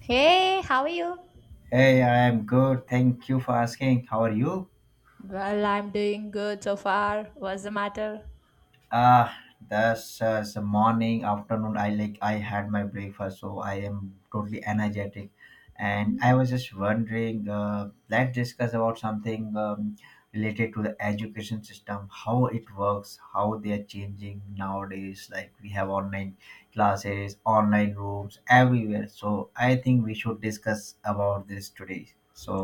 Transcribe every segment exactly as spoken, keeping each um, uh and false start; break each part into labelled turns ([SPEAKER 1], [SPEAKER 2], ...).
[SPEAKER 1] Hey, how are you?
[SPEAKER 2] Hey, I am good. Thank you for asking. How are you?
[SPEAKER 1] Well, I'm doing good so far. What's the matter?
[SPEAKER 2] Ah, that's uh, it's a morning, afternoon. I like I had my breakfast, so I am totally energetic. And I was just wondering, uh, let's discuss about something um, related to the education system, how it works, how they are changing nowadays. Like we have online classes, online rooms everywhere. So I think we should discuss about this today. So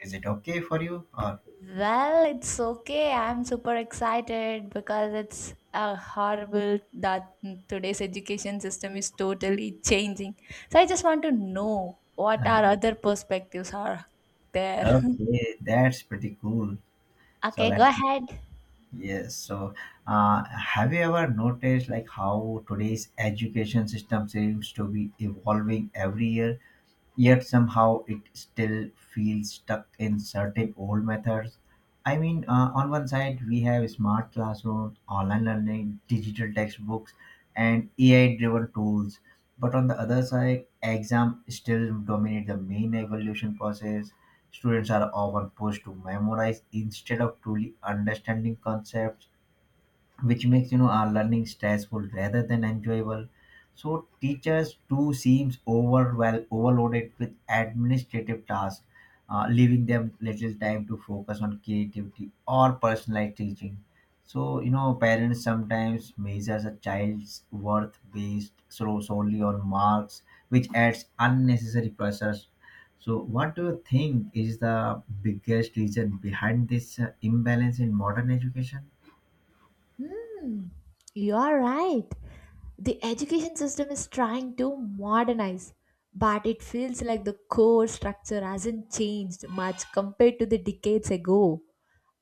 [SPEAKER 2] is it okay for you? Or
[SPEAKER 1] Well, it's okay. I'm super excited because it's uh, horrible that today's education system is totally changing. So I just want to know what our other perspectives are there.
[SPEAKER 2] okay, that's pretty cool. So
[SPEAKER 1] Okay, go
[SPEAKER 2] let's
[SPEAKER 1] ahead.
[SPEAKER 2] yes. So, uh, have you ever noticed like how today's education system seems to be evolving every year? Yet somehow it still feels stuck in certain old methods. I mean, uh, on one side, we have smart classrooms, online learning, digital textbooks, and A I driven tools. But on the other side, exams still dominate the main evaluation process. Students are often pushed to memorize instead of truly understanding concepts, which makes you know our learning stressful rather than enjoyable. So teachers too seems overwhelmed, overloaded with administrative tasks, uh, leaving them little time to focus on creativity or personalized teaching. So you know parents sometimes measures a child's worth based so solely on marks, which adds unnecessary pressures. So what do you think is the biggest reason behind this uh, imbalance in modern education?
[SPEAKER 1] Hmm, you are right. The education system is trying to modernize, but it feels like the core structure hasn't changed much compared to the decades ago.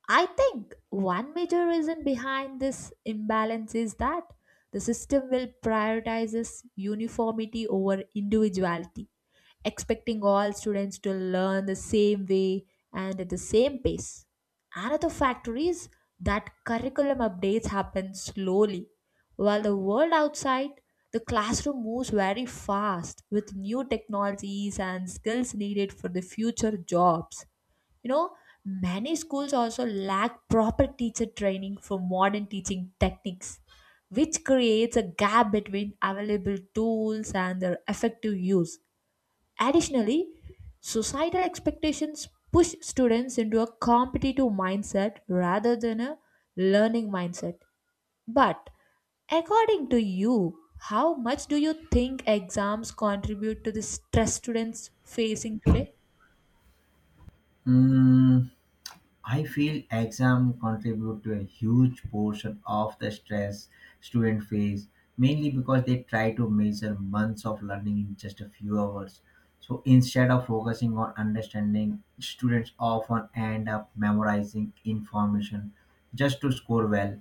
[SPEAKER 1] I think one major reason behind this imbalance is that the system will prioritizes uniformity over individuality, expecting all students to learn the same way and at the same pace. Another factor is that curriculum updates happen slowly, while the world outside the classroom moves very fast with new technologies and skills needed for the future jobs. You know, many schools also lack proper teacher training for modern teaching techniques, which creates a gap between available tools and their effective use. Additionally, societal expectations push students into a competitive mindset rather than a learning mindset. But according to you, how much do you think exams contribute to the stress students facing today?
[SPEAKER 2] Hmm, I feel exam contribute to a huge portion of the stress student face, mainly because they try to measure months of learning in just a few hours. So instead of focusing on understanding, students often end up memorizing information just to score well.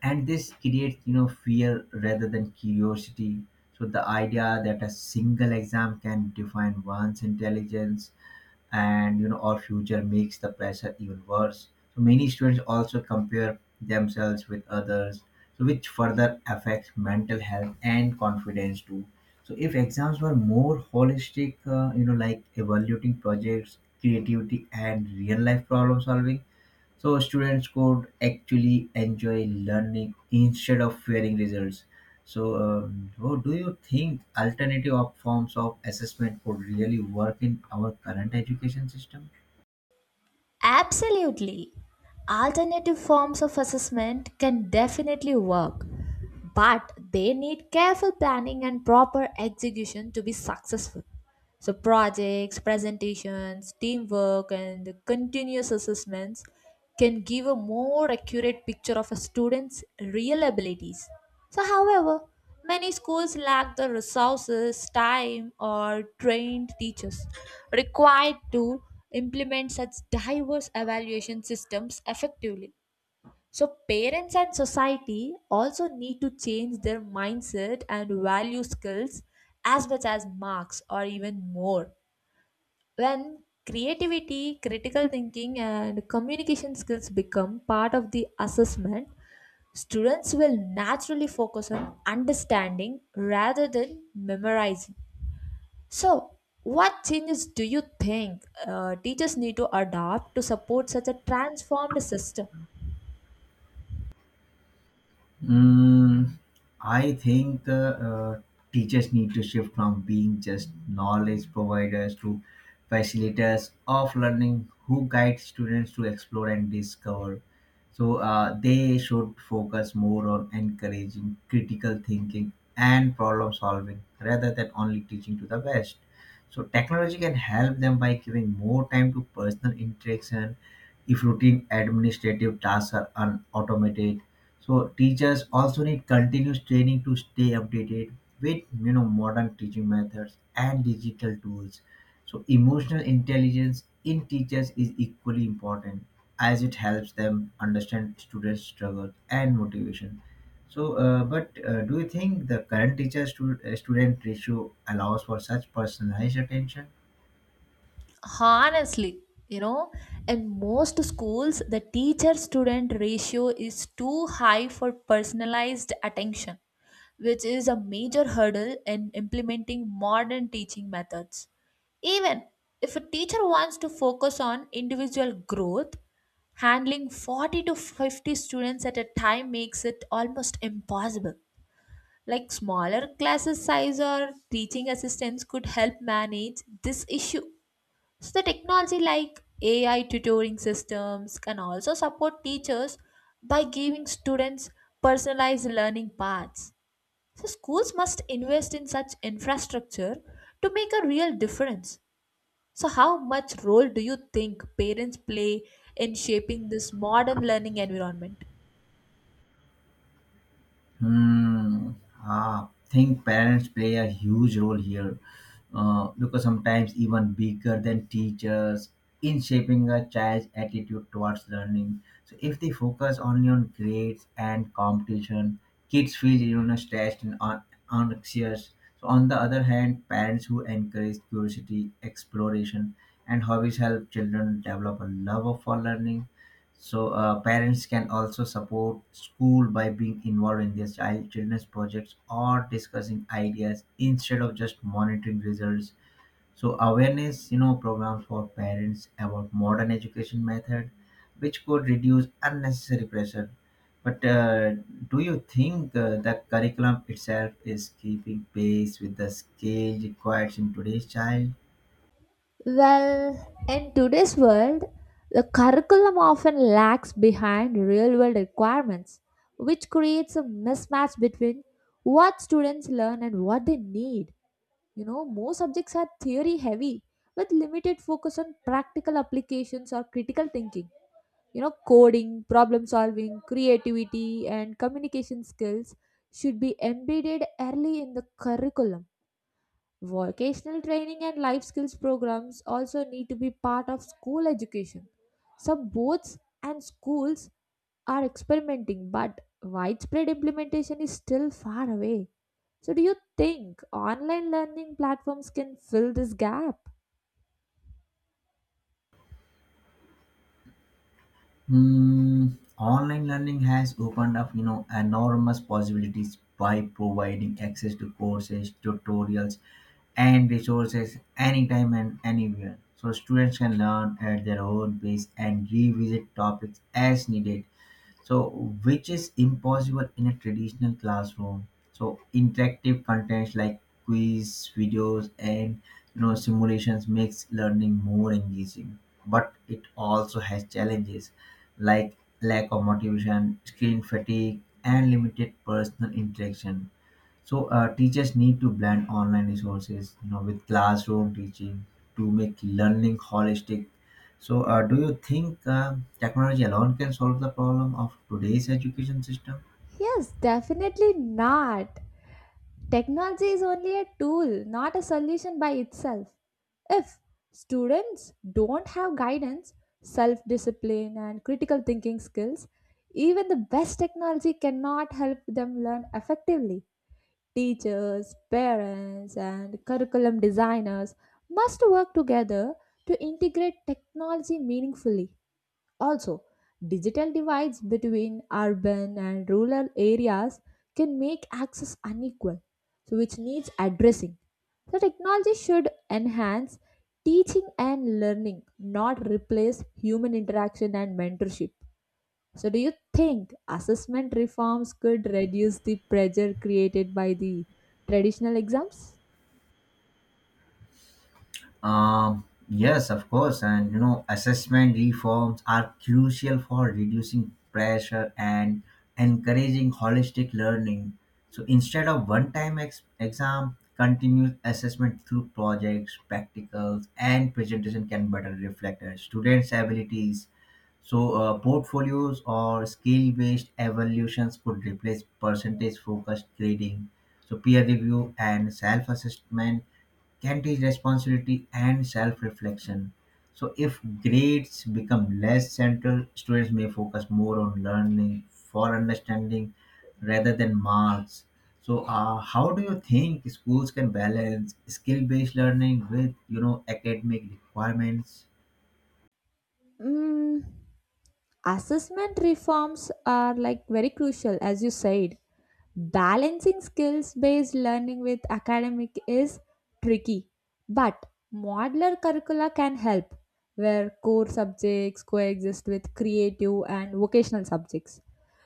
[SPEAKER 2] And this creates, you know, fear rather than curiosity. So the idea that a single exam can define one's intelligence and you know our future makes the pressure even worse. So many students also compare themselves with others, so which further affects mental health and confidence too. So if exams were more holistic, uh, you know like evaluating projects, creativity, and real life problem solving, so students could actually enjoy learning instead of fearing results. So, um, oh, do you think alternative op- forms of assessment could really work in our current education system?
[SPEAKER 1] Absolutely. Alternative forms of assessment can definitely work, but they need careful planning and proper execution to be successful. So projects, presentations, teamwork, and continuous assessments can give a more accurate picture of a student's real abilities. So, however, many schools lack the resources, time, or trained teachers required to implement such diverse evaluation systems effectively. So parents and society also need to change their mindset and value skills as much as marks or even more. When creativity, critical thinking, and communication skills become part of the assessment, students will naturally focus on understanding rather than memorizing. So, what changes do you think uh, teachers need to adopt to support such a transformed system?
[SPEAKER 2] Mm, I think the uh, teachers need to shift from being just knowledge providers to facilitators of learning who guide students to explore and discover. So uh, they should focus more on encouraging critical thinking and problem solving rather than only teaching to the best. So technology can help them by giving more time to personal interaction if routine administrative tasks are unautomated. So teachers also need continuous training to stay updated with you know modern teaching methods and digital tools. So emotional intelligence in teachers is equally important, as it helps them understand students' struggles and motivation. So, uh, but uh, do you think the current teacher-student ratio allows for such personalized attention?
[SPEAKER 1] Honestly, you know, in most schools the teacher student ratio is too high for personalized attention, which is a major hurdle in implementing modern teaching methods. Even if a teacher wants to focus on individual growth, handling forty to fifty students at a time makes it almost impossible. Like, smaller classes size or teaching assistants could help manage this issue. So the technology like A I tutoring systems can also support teachers by giving students personalized learning paths. So schools must invest in such infrastructure to make a real difference. So how much role do you think parents play in shaping this modern learning environment?
[SPEAKER 2] Hmm. I think parents play a huge role here, uh, because sometimes even bigger than teachers in shaping a child's attitude towards learning. So if they focus only on grades and competition, kids feel you know stressed and un- anxious. So on the other hand, parents who encourage curiosity, exploration, and hobbies help children develop a love for learning. So uh, parents can also support school by being involved in their child children's projects or discussing ideas instead of just monitoring results. So awareness, you know, programs for parents about modern education method, which could reduce unnecessary pressure. But uh, do you think uh, the curriculum itself is keeping pace with the scale required in today's child?
[SPEAKER 1] Well, in today's world, the curriculum often lags behind real world requirements, which creates a mismatch between what students learn and what they need. You know, most subjects are theory heavy with limited focus on practical applications or critical thinking. You know, coding, problem solving, creativity, and communication skills should be embedded early in the curriculum. Vocational training and life skills programs also need to be part of school education. Some boards and schools are experimenting, but widespread implementation is still far away. So, do you think online learning platforms can fill this gap?
[SPEAKER 2] Mm, online learning has opened up, you know, enormous possibilities by providing access to courses, tutorials, and resources anytime and anywhere. So students can learn at their own pace and revisit topics as needed, so which is impossible in a traditional classroom. So interactive contents like quiz videos and you know simulations makes learning more engaging, but it also has challenges like lack of motivation, screen fatigue, and limited personal interaction. So uh, teachers need to blend online resources, you know, with classroom teaching to make learning holistic. So, uh, do you think um technology alone can solve the problem of today's education system?
[SPEAKER 1] Yes, definitely not. Technology is only a tool, not a solution by itself. If students don't have guidance, self discipline, and critical thinking skills, even the best technology cannot help them learn effectively. Teachers, parents, and curriculum designers must work together to integrate technology meaningfully. Also, digital divides between urban and rural areas can make access unequal, so which needs addressing. The technology should enhance teaching and learning, not replace human interaction and mentorship. So, do you think assessment reforms could reduce the pressure created by the traditional exams?
[SPEAKER 2] Um, yes, of course, and you know, assessment reforms are crucial for reducing pressure and encouraging holistic learning. So instead of one-time ex- exam, continuous assessment through projects, practicals, and presentation can better reflect a students' abilities. So uh, portfolios or skill-based evaluations could replace percentage-focused grading. So peer review and self-assessment can teach responsibility and self-reflection. So if grades become less central, students may focus more on learning for understanding rather than marks. So uh, how do you think schools can balance skill-based learning with you know academic requirements?
[SPEAKER 1] Mm, assessment reforms are like very crucial, as you said. Balancing skills based learning with academic is tricky, but modular curricula can help, where core subjects coexist with creative and vocational subjects.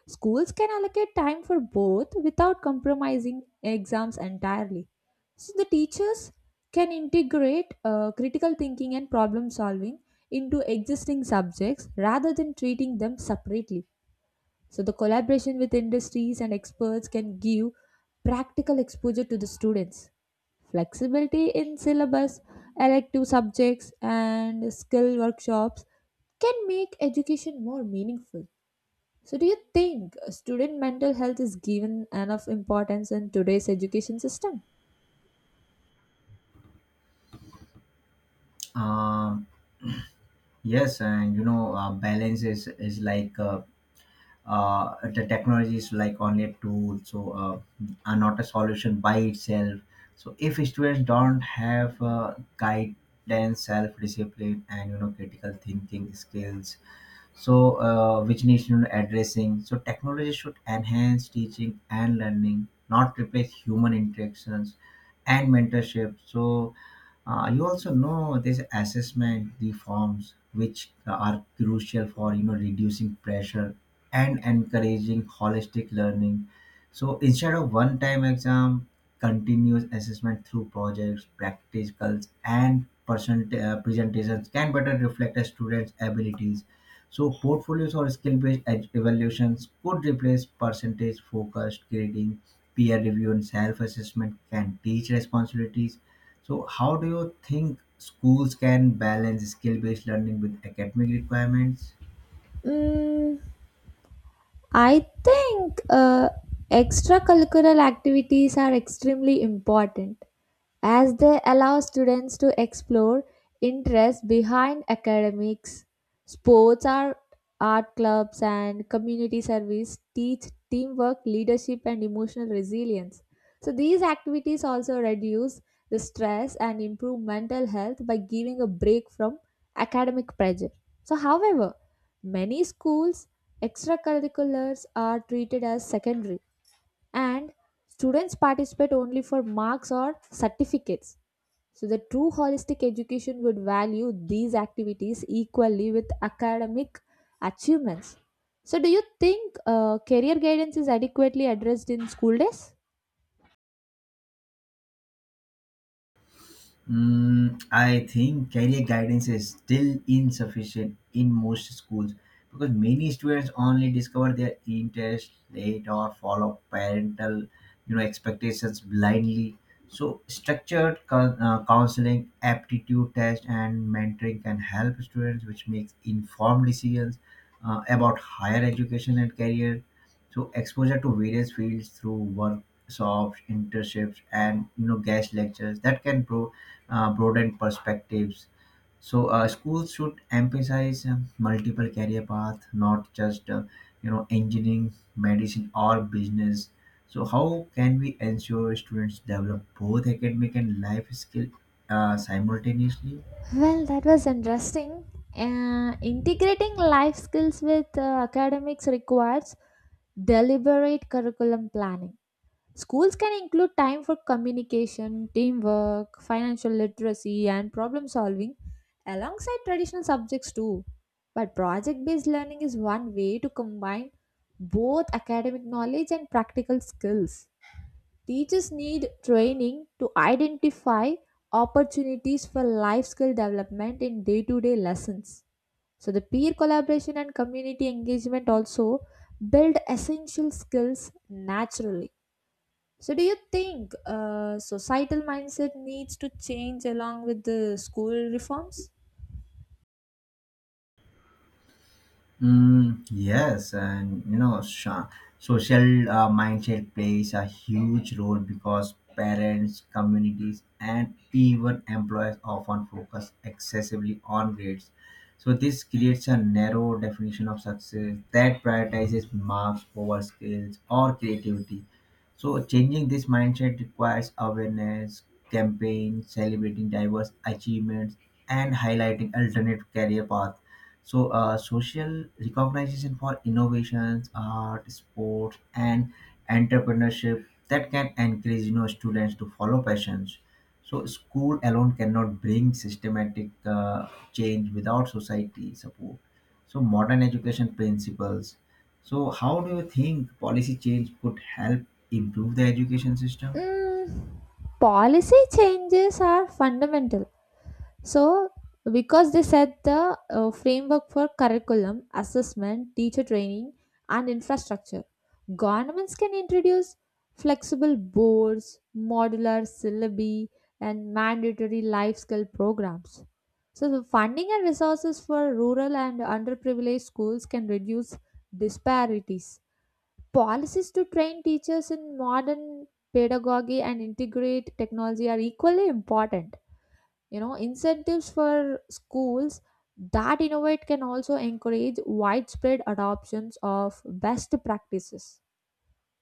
[SPEAKER 1] Schools can allocate time for both without compromising exams entirely. So the teachers can integrate uh, critical thinking and problem solving into existing subjects rather than treating them separately. So, the collaboration with industries and experts can give practical exposure to the students. Flexibility in syllabus, elective subjects, and skill workshops can make education more meaningful. So, do you think student mental health is given enough importance in today's education system?
[SPEAKER 2] Um, yes, and you know uh, balance is is like uh, uh, the technology is like only a tool, so uh, are not a solution by itself. So if students don't have uh, guidance, self-discipline, and you know critical thinking skills, so uh, which needs you know, addressing. So technology should enhance teaching and learning, not replace human interactions and mentorship. So uh, you also know this assessment reforms, which are crucial for you know reducing pressure and encouraging holistic learning. So instead of one time exam, continuous assessment through projects, practicals, and percent, uh, presentations can better reflect a student's abilities. So portfolios or skill-based ed- evaluations could replace percentage-focused grading, peer review, and self-assessment can teach responsibilities. So how do you think schools can balance skill-based learning with academic requirements?
[SPEAKER 1] Mm, I think uh, extracurricular activities are extremely important as they allow students to explore interests behind academics. Sports, art, art clubs, and community service teach teamwork, leadership, and emotional resilience. So, these activities also reduce the stress and improve mental health by giving a break from academic pressure. So, however, many schools extracurriculars are treated as secondary and students participate only for marks or certificates. So the true holistic education would value these activities equally with academic achievements. So, do you think uh, career guidance is adequately addressed in school days?
[SPEAKER 2] Mm, I think career guidance is still insufficient in most schools because many students only discover their interest late or follow parental, you know, expectations blindly. So, structured coun- uh, counseling, aptitude test, and mentoring can help students, which makes informed decisions uh, about higher education and career. So, exposure to various fields through workshops, internships, and you know, guest lectures that can pro uh, broaden perspectives. So uh, schools should emphasize um, multiple career paths, not just uh, you know engineering, medicine, or business. So how can we ensure students develop both academic and life skill uh, simultaneously?
[SPEAKER 1] Well, that was interesting. Uh, integrating life skills with uh, academics requires deliberate curriculum planning. Schools can include time for communication, teamwork, financial literacy, and problem solving alongside traditional subjects too. But project based learning is one way to combine both academic knowledge and practical skills. Teachers need training to identify opportunities for life skill development in day to day lessons. So, the peer collaboration and community engagement also build essential skills naturally. So, do you think uh, societal mindset needs to change along with the school reforms?
[SPEAKER 2] Mm, yes, and you know sha- social uh, mindset plays a huge role because parents, communities, and even employers often focus excessively on grades. So this creates a narrow definition of success that prioritizes marks over skills or creativity. So changing this mindset requires awareness, campaigns, celebrating diverse achievements, and highlighting alternative career paths. So, uh, social recognition for innovations, art, sports, and entrepreneurship that can encourage you know students to follow passions. So, school alone cannot bring systematic uh, change without society support. So, modern education principles. So, how do you think policy change could help improve the education system?
[SPEAKER 1] Mm, policy changes are fundamental, So, because they set the uh, framework for curriculum, assessment, teacher training, and infrastructure. Governments can introduce flexible boards, modular syllabi, and mandatory life skill programs. So, the funding and resources for rural and underprivileged schools can reduce disparities. Policies to train teachers in modern pedagogy and integrate technology are equally important. You know, incentives for schools that innovate can also encourage widespread adoptions of best practices.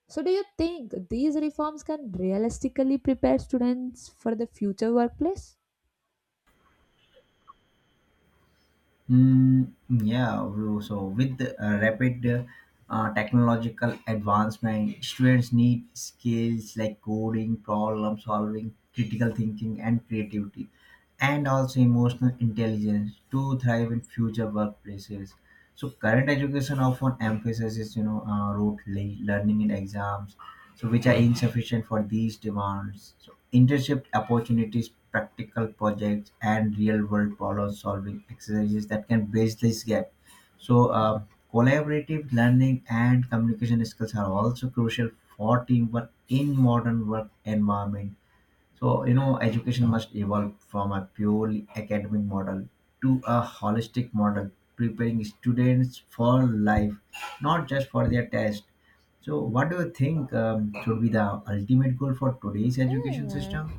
[SPEAKER 1] So do you think these reforms can realistically prepare students for the future workplace?
[SPEAKER 2] Mm, yeah, bro. So with the, uh, rapid uh, technological advancement, students need skills like coding, problem solving, critical thinking, and creativity, and also emotional intelligence to thrive in future workplaces. So current education often emphasizes you know uh, rote le- learning in exams, so which are insufficient for these demands. So internship opportunities, practical projects, and real world problem solving exercises that can bridge this gap. So uh, collaborative learning and communication skills are also crucial for teamwork in modern work environment. So, you know, education must evolve from a purely academic model to a holistic model, preparing students for life, not just for their test. So, what do you think um, should be the ultimate goal for today's education
[SPEAKER 1] Hmm.
[SPEAKER 2] system?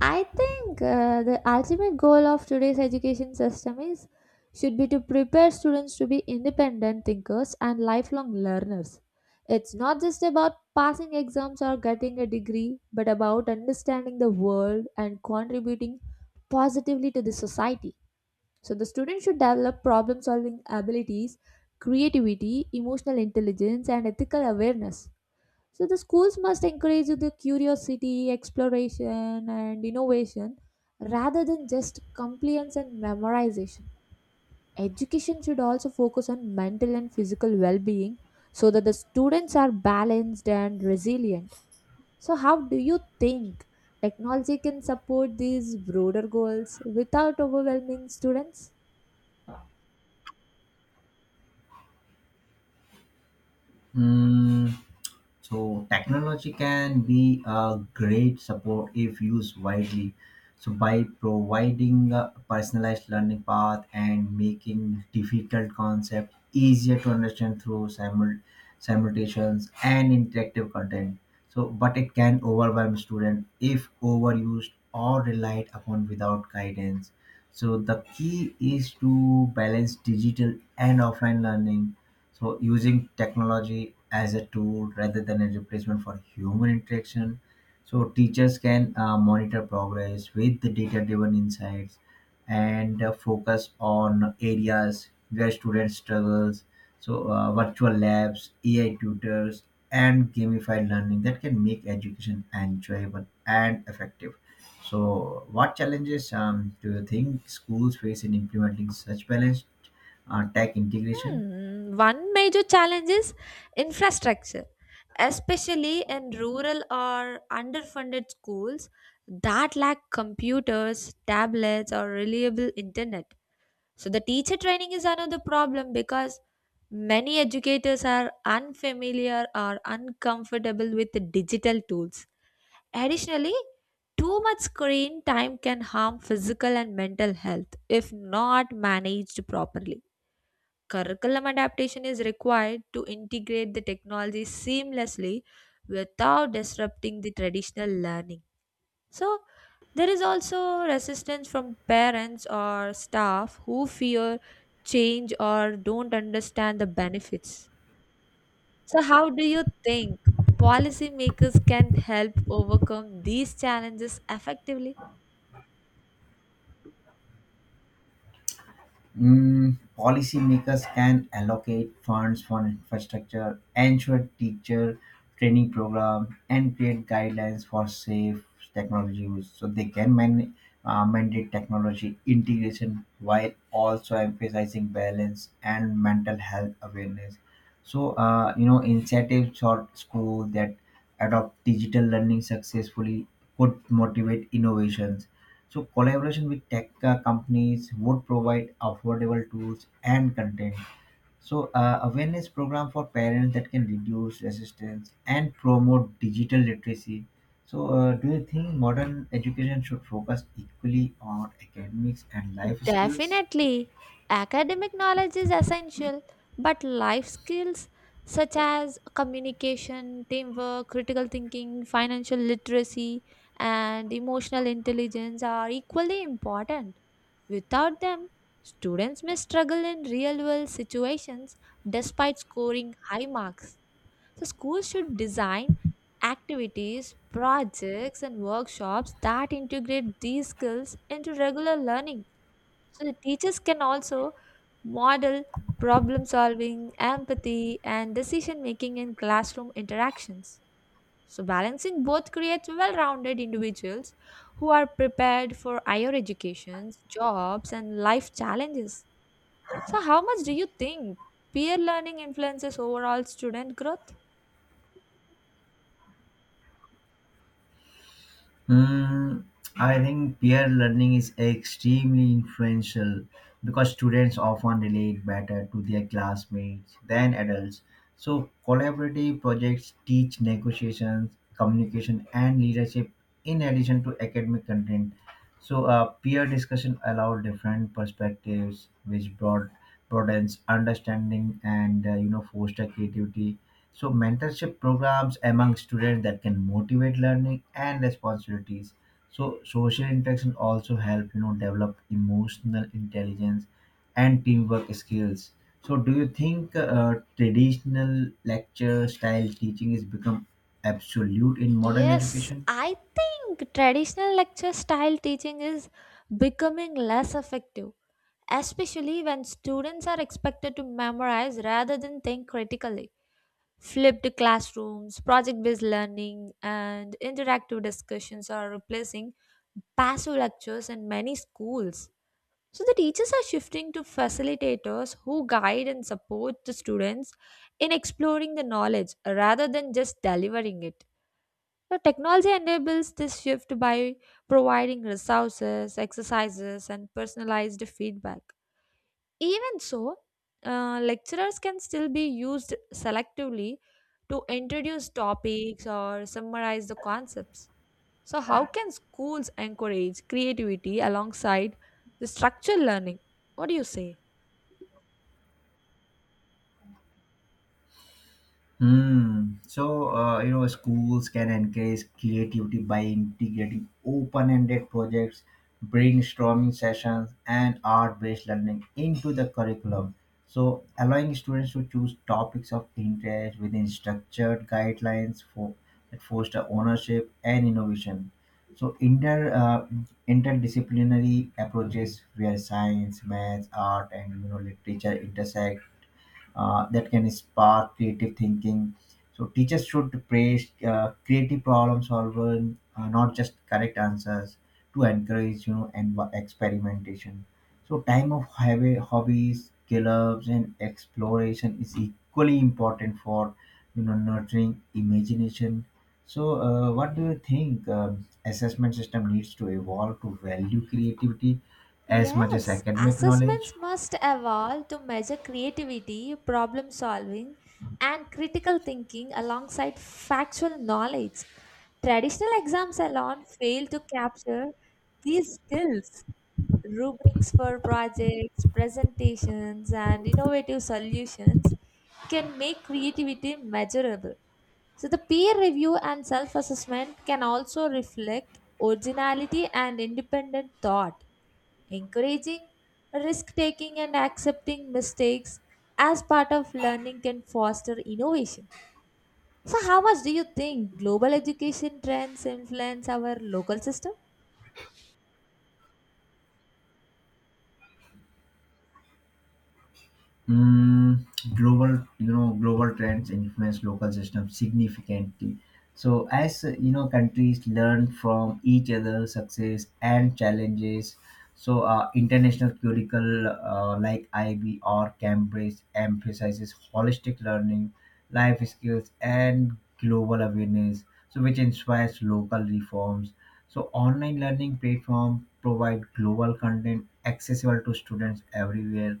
[SPEAKER 1] I think uh, the ultimate goal of today's education system is should be to prepare students to be independent thinkers and lifelong learners. It's not just about passing exams or getting a degree, but about understanding the world and contributing positively to the society. So the student should develop problem solving abilities, creativity, emotional intelligence and ethical awareness. So the schools must encourage the curiosity, exploration, and innovation rather than just compliance and memorization. Education should also focus on mental and physical well being so that the students are balanced and resilient. So, how do you think technology can support these broader goals without overwhelming students?
[SPEAKER 2] Hmm. So technology can be a great support if used widely. So by providing a personalized learning path and making difficult concepts easier to understand through simul- simulations and interactive content. So, but it can overwhelm students if overused or relied upon without guidance. So the key is to balance digital and offline learning, so using technology as a tool rather than a replacement for human interaction. So teachers can uh, monitor progress with the data-driven insights and uh, focus on areas where students struggles. So uh, virtual labs, A I tutors, and gamified learning that can make education enjoyable and effective. So, what challenges um, do you think schools face in implementing such balanced uh, tech integration?
[SPEAKER 1] Hmm, one major challenge is infrastructure, especially in rural or underfunded schools that lack computers, tablets, or reliable internet. So, the teacher training is another problem because many educators are unfamiliar or uncomfortable with the digital tools. Additionally, too much screen time can harm physical and mental health if not managed properly. Curriculum adaptation is required to integrate the technology seamlessly without disrupting the traditional learning. So, there is also resistance from parents or staff who fear change or don't understand the benefits. So, how do you think policymakers can help overcome these challenges effectively?
[SPEAKER 2] Mm, policymakers can allocate funds for infrastructure, ensure teacher training program, and create guidelines for safe technology use. So they can man- uh, mandate technology integration while also emphasizing balance and mental health awareness. So uh, you know incentives for schools that adopt digital learning successfully could motivate innovations. So collaboration with tech uh, companies would provide affordable tools and content. So uh, awareness program for parents that can reduce resistance and promote digital literacy. So uh, do you think modern education should focus equally on academics and life skills?
[SPEAKER 1] Definitely, academic knowledge is essential, but life skills such as communication, teamwork, critical thinking, financial literacy, and emotional intelligence are equally important. Without them, students may struggle in real world situations despite scoring high marks. So, schools should design activities, projects, and workshops that integrate these skills into regular learning. So the teachers can also model problem solving, empathy, and decision making in classroom interactions. So balancing both creates well-rounded individuals who are prepared for higher educations, jobs, and life challenges. So how much do you think peer learning influences overall student growth?
[SPEAKER 2] Mm, I think peer learning is extremely influential because students often relate better to their classmates than adults. So, collaborative projects teach negotiations, communication, and leadership in addition to academic content. So uh, peer discussion allowed different perspectives, which brought broadens understanding and uh, you know foster creativity. So mentorship programs among students that can motivate learning and responsibilities. So social interaction also help you know develop emotional intelligence and teamwork skills. So do you think uh, traditional lecture style teaching is become absolute in modern
[SPEAKER 1] Yes,
[SPEAKER 2] education?
[SPEAKER 1] I think traditional lecture style teaching is becoming less effective, especially when students are expected to memorize rather than think critically. Flipped classrooms, project based learning, and interactive discussions are replacing passive lectures in many schools. So the teachers are shifting to facilitators who guide and support the students in exploring the knowledge rather than just delivering it. So technology enables this shift by providing resources, exercises, and personalized feedback. Even so, uh, lecturers can still be used selectively to introduce topics or summarize the concepts. So, how can schools encourage creativity alongside the structured learning? What do you say?
[SPEAKER 2] Hmm. So, uh, you know, schools can encourage creativity by integrating open ended projects, brainstorming sessions, and art based learning into the curriculum. So, allowing students to choose topics of interest within structured guidelines for that foster ownership and innovation. So, inter uh, interdisciplinary approaches where science, math, art, and you know literature intersect, uh, that can spark creative thinking. So teachers should praise uh, creative problem solving, uh, not just correct answers, to encourage you know and experimentation. So time of hobby, hobbies, clubs, and exploration is equally important for you know nurturing imagination. So uh, what do you think um assessment system needs to evolve to value creativity as much as
[SPEAKER 1] Yes,
[SPEAKER 2] academic knowledge?
[SPEAKER 1] assessments must evolve to measure creativity, problem solving, and critical thinking alongside factual knowledge. Traditional exams alone fail to capture these skills. Rubrics for projects, presentations, and innovative solutions can make creativity measurable. So, the peer review and self assessment can also reflect originality and independent thought. Encouraging risk taking and accepting mistakes as part of learning can foster innovation. So, how much do you think global education trends influence our local system?
[SPEAKER 2] Mm, global, you know, Global trends influence local systems significantly. So as uh, you know, countries learn from each other's success and challenges. So uh, international curricula uh, like I B or Cambridge emphasizes holistic learning, life skills, and global awareness. So which inspires local reforms. So online learning platform provide global content accessible to students everywhere.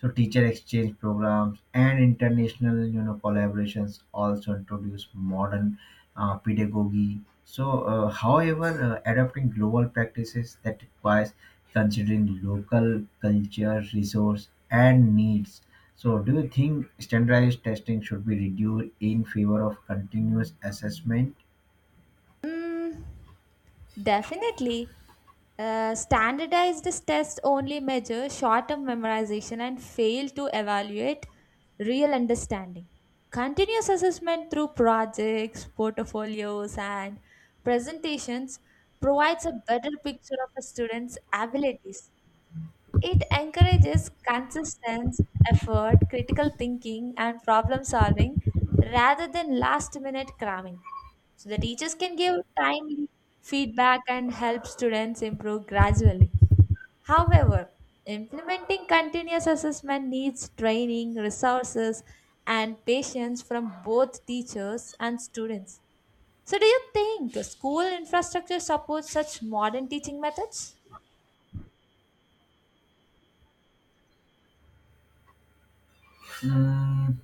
[SPEAKER 2] So teacher exchange programs and international, you know, collaborations also introduce modern uh, pedagogy. So, uh, however, uh, adopting global practices that requires considering local culture, resource, and needs. So, do you think standardized testing should be reduced in favor of continuous assessment?
[SPEAKER 1] Mm, definitely. Uh, standardized tests only measure short term memorization and fail to evaluate real understanding. Continuous assessment through projects, portfolios, and presentations provides a better picture of a student's abilities. It encourages consistent effort, critical thinking, and problem solving rather than last minute cramming. So the teachers can give timely feedback and help students improve gradually. However, implementing continuous assessment needs training, resources, and patience from both teachers and students. So, do you think the school infrastructure supports such modern teaching methods?
[SPEAKER 2] Mm,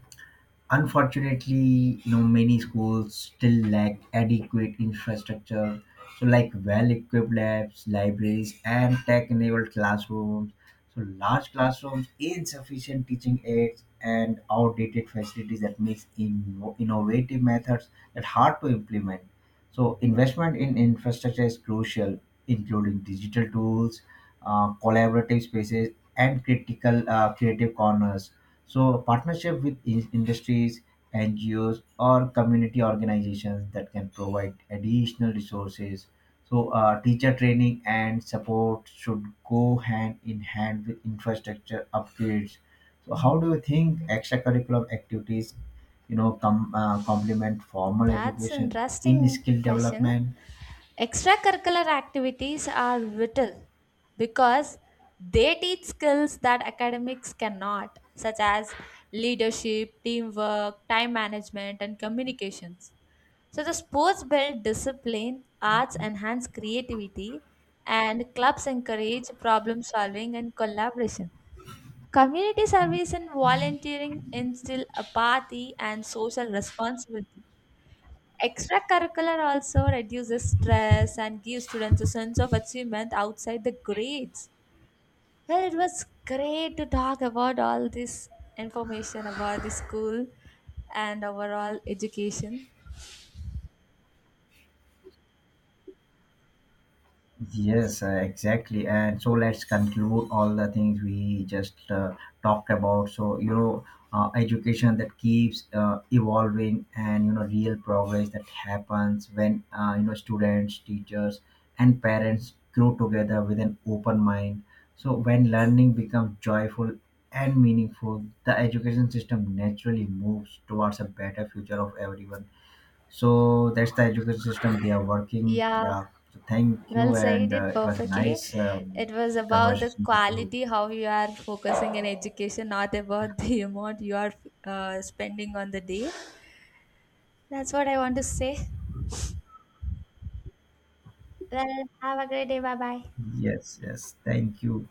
[SPEAKER 2] unfortunately you know many schools still lack adequate infrastructure, so like well equipped labs, libraries, and tech enabled classrooms. So large classrooms, insufficient teaching aids, and outdated facilities that makes in- innovative methods that hard to implement. So investment in infrastructure is crucial, including digital tools, uh, collaborative spaces, and critical uh, creative corners. So partnership with in- industries, N G Os, or community organizations that can provide additional resources. So uh, teacher training and support should go hand in hand with infrastructure upgrades. So how do you think extracurricular activities you know com- uh, complement formal
[SPEAKER 1] That's
[SPEAKER 2] education in
[SPEAKER 1] interesting
[SPEAKER 2] skill
[SPEAKER 1] question.
[SPEAKER 2] development?
[SPEAKER 1] Extracurricular activities are vital because they teach skills that academics cannot, such as leadership, teamwork, time management, and communications. So the sports build discipline, arts enhance creativity, and clubs encourage problem solving and collaboration. Community service and volunteering instill apathy and social responsibility. Extracurricular also reduces stress and gives students a sense of achievement outside the grades. Well, it was great to talk about all this information about the school and overall education.
[SPEAKER 2] Yes, uh, exactly, and so let's conclude all the things we just uh, talked about. So you know uh, education that keeps uh, evolving, and you know real progress that happens when uh, you know students, teachers, and parents grow together with an open mind. So when learning becomes joyful and meaningful, the education system naturally moves towards a better future of everyone. So that's the education system they are working.
[SPEAKER 1] Yeah,
[SPEAKER 2] Yeah. So thank
[SPEAKER 1] well
[SPEAKER 2] you, and
[SPEAKER 1] said it
[SPEAKER 2] uh, it was a
[SPEAKER 1] perfectly.
[SPEAKER 2] nice um,
[SPEAKER 1] It was about the
[SPEAKER 2] conversation with you.
[SPEAKER 1] quality, how you are focusing in education, not about the amount you are uh, spending on the day. That's what I want to say. Well, have a great day. Bye bye.
[SPEAKER 2] Yes, yes. Thank you.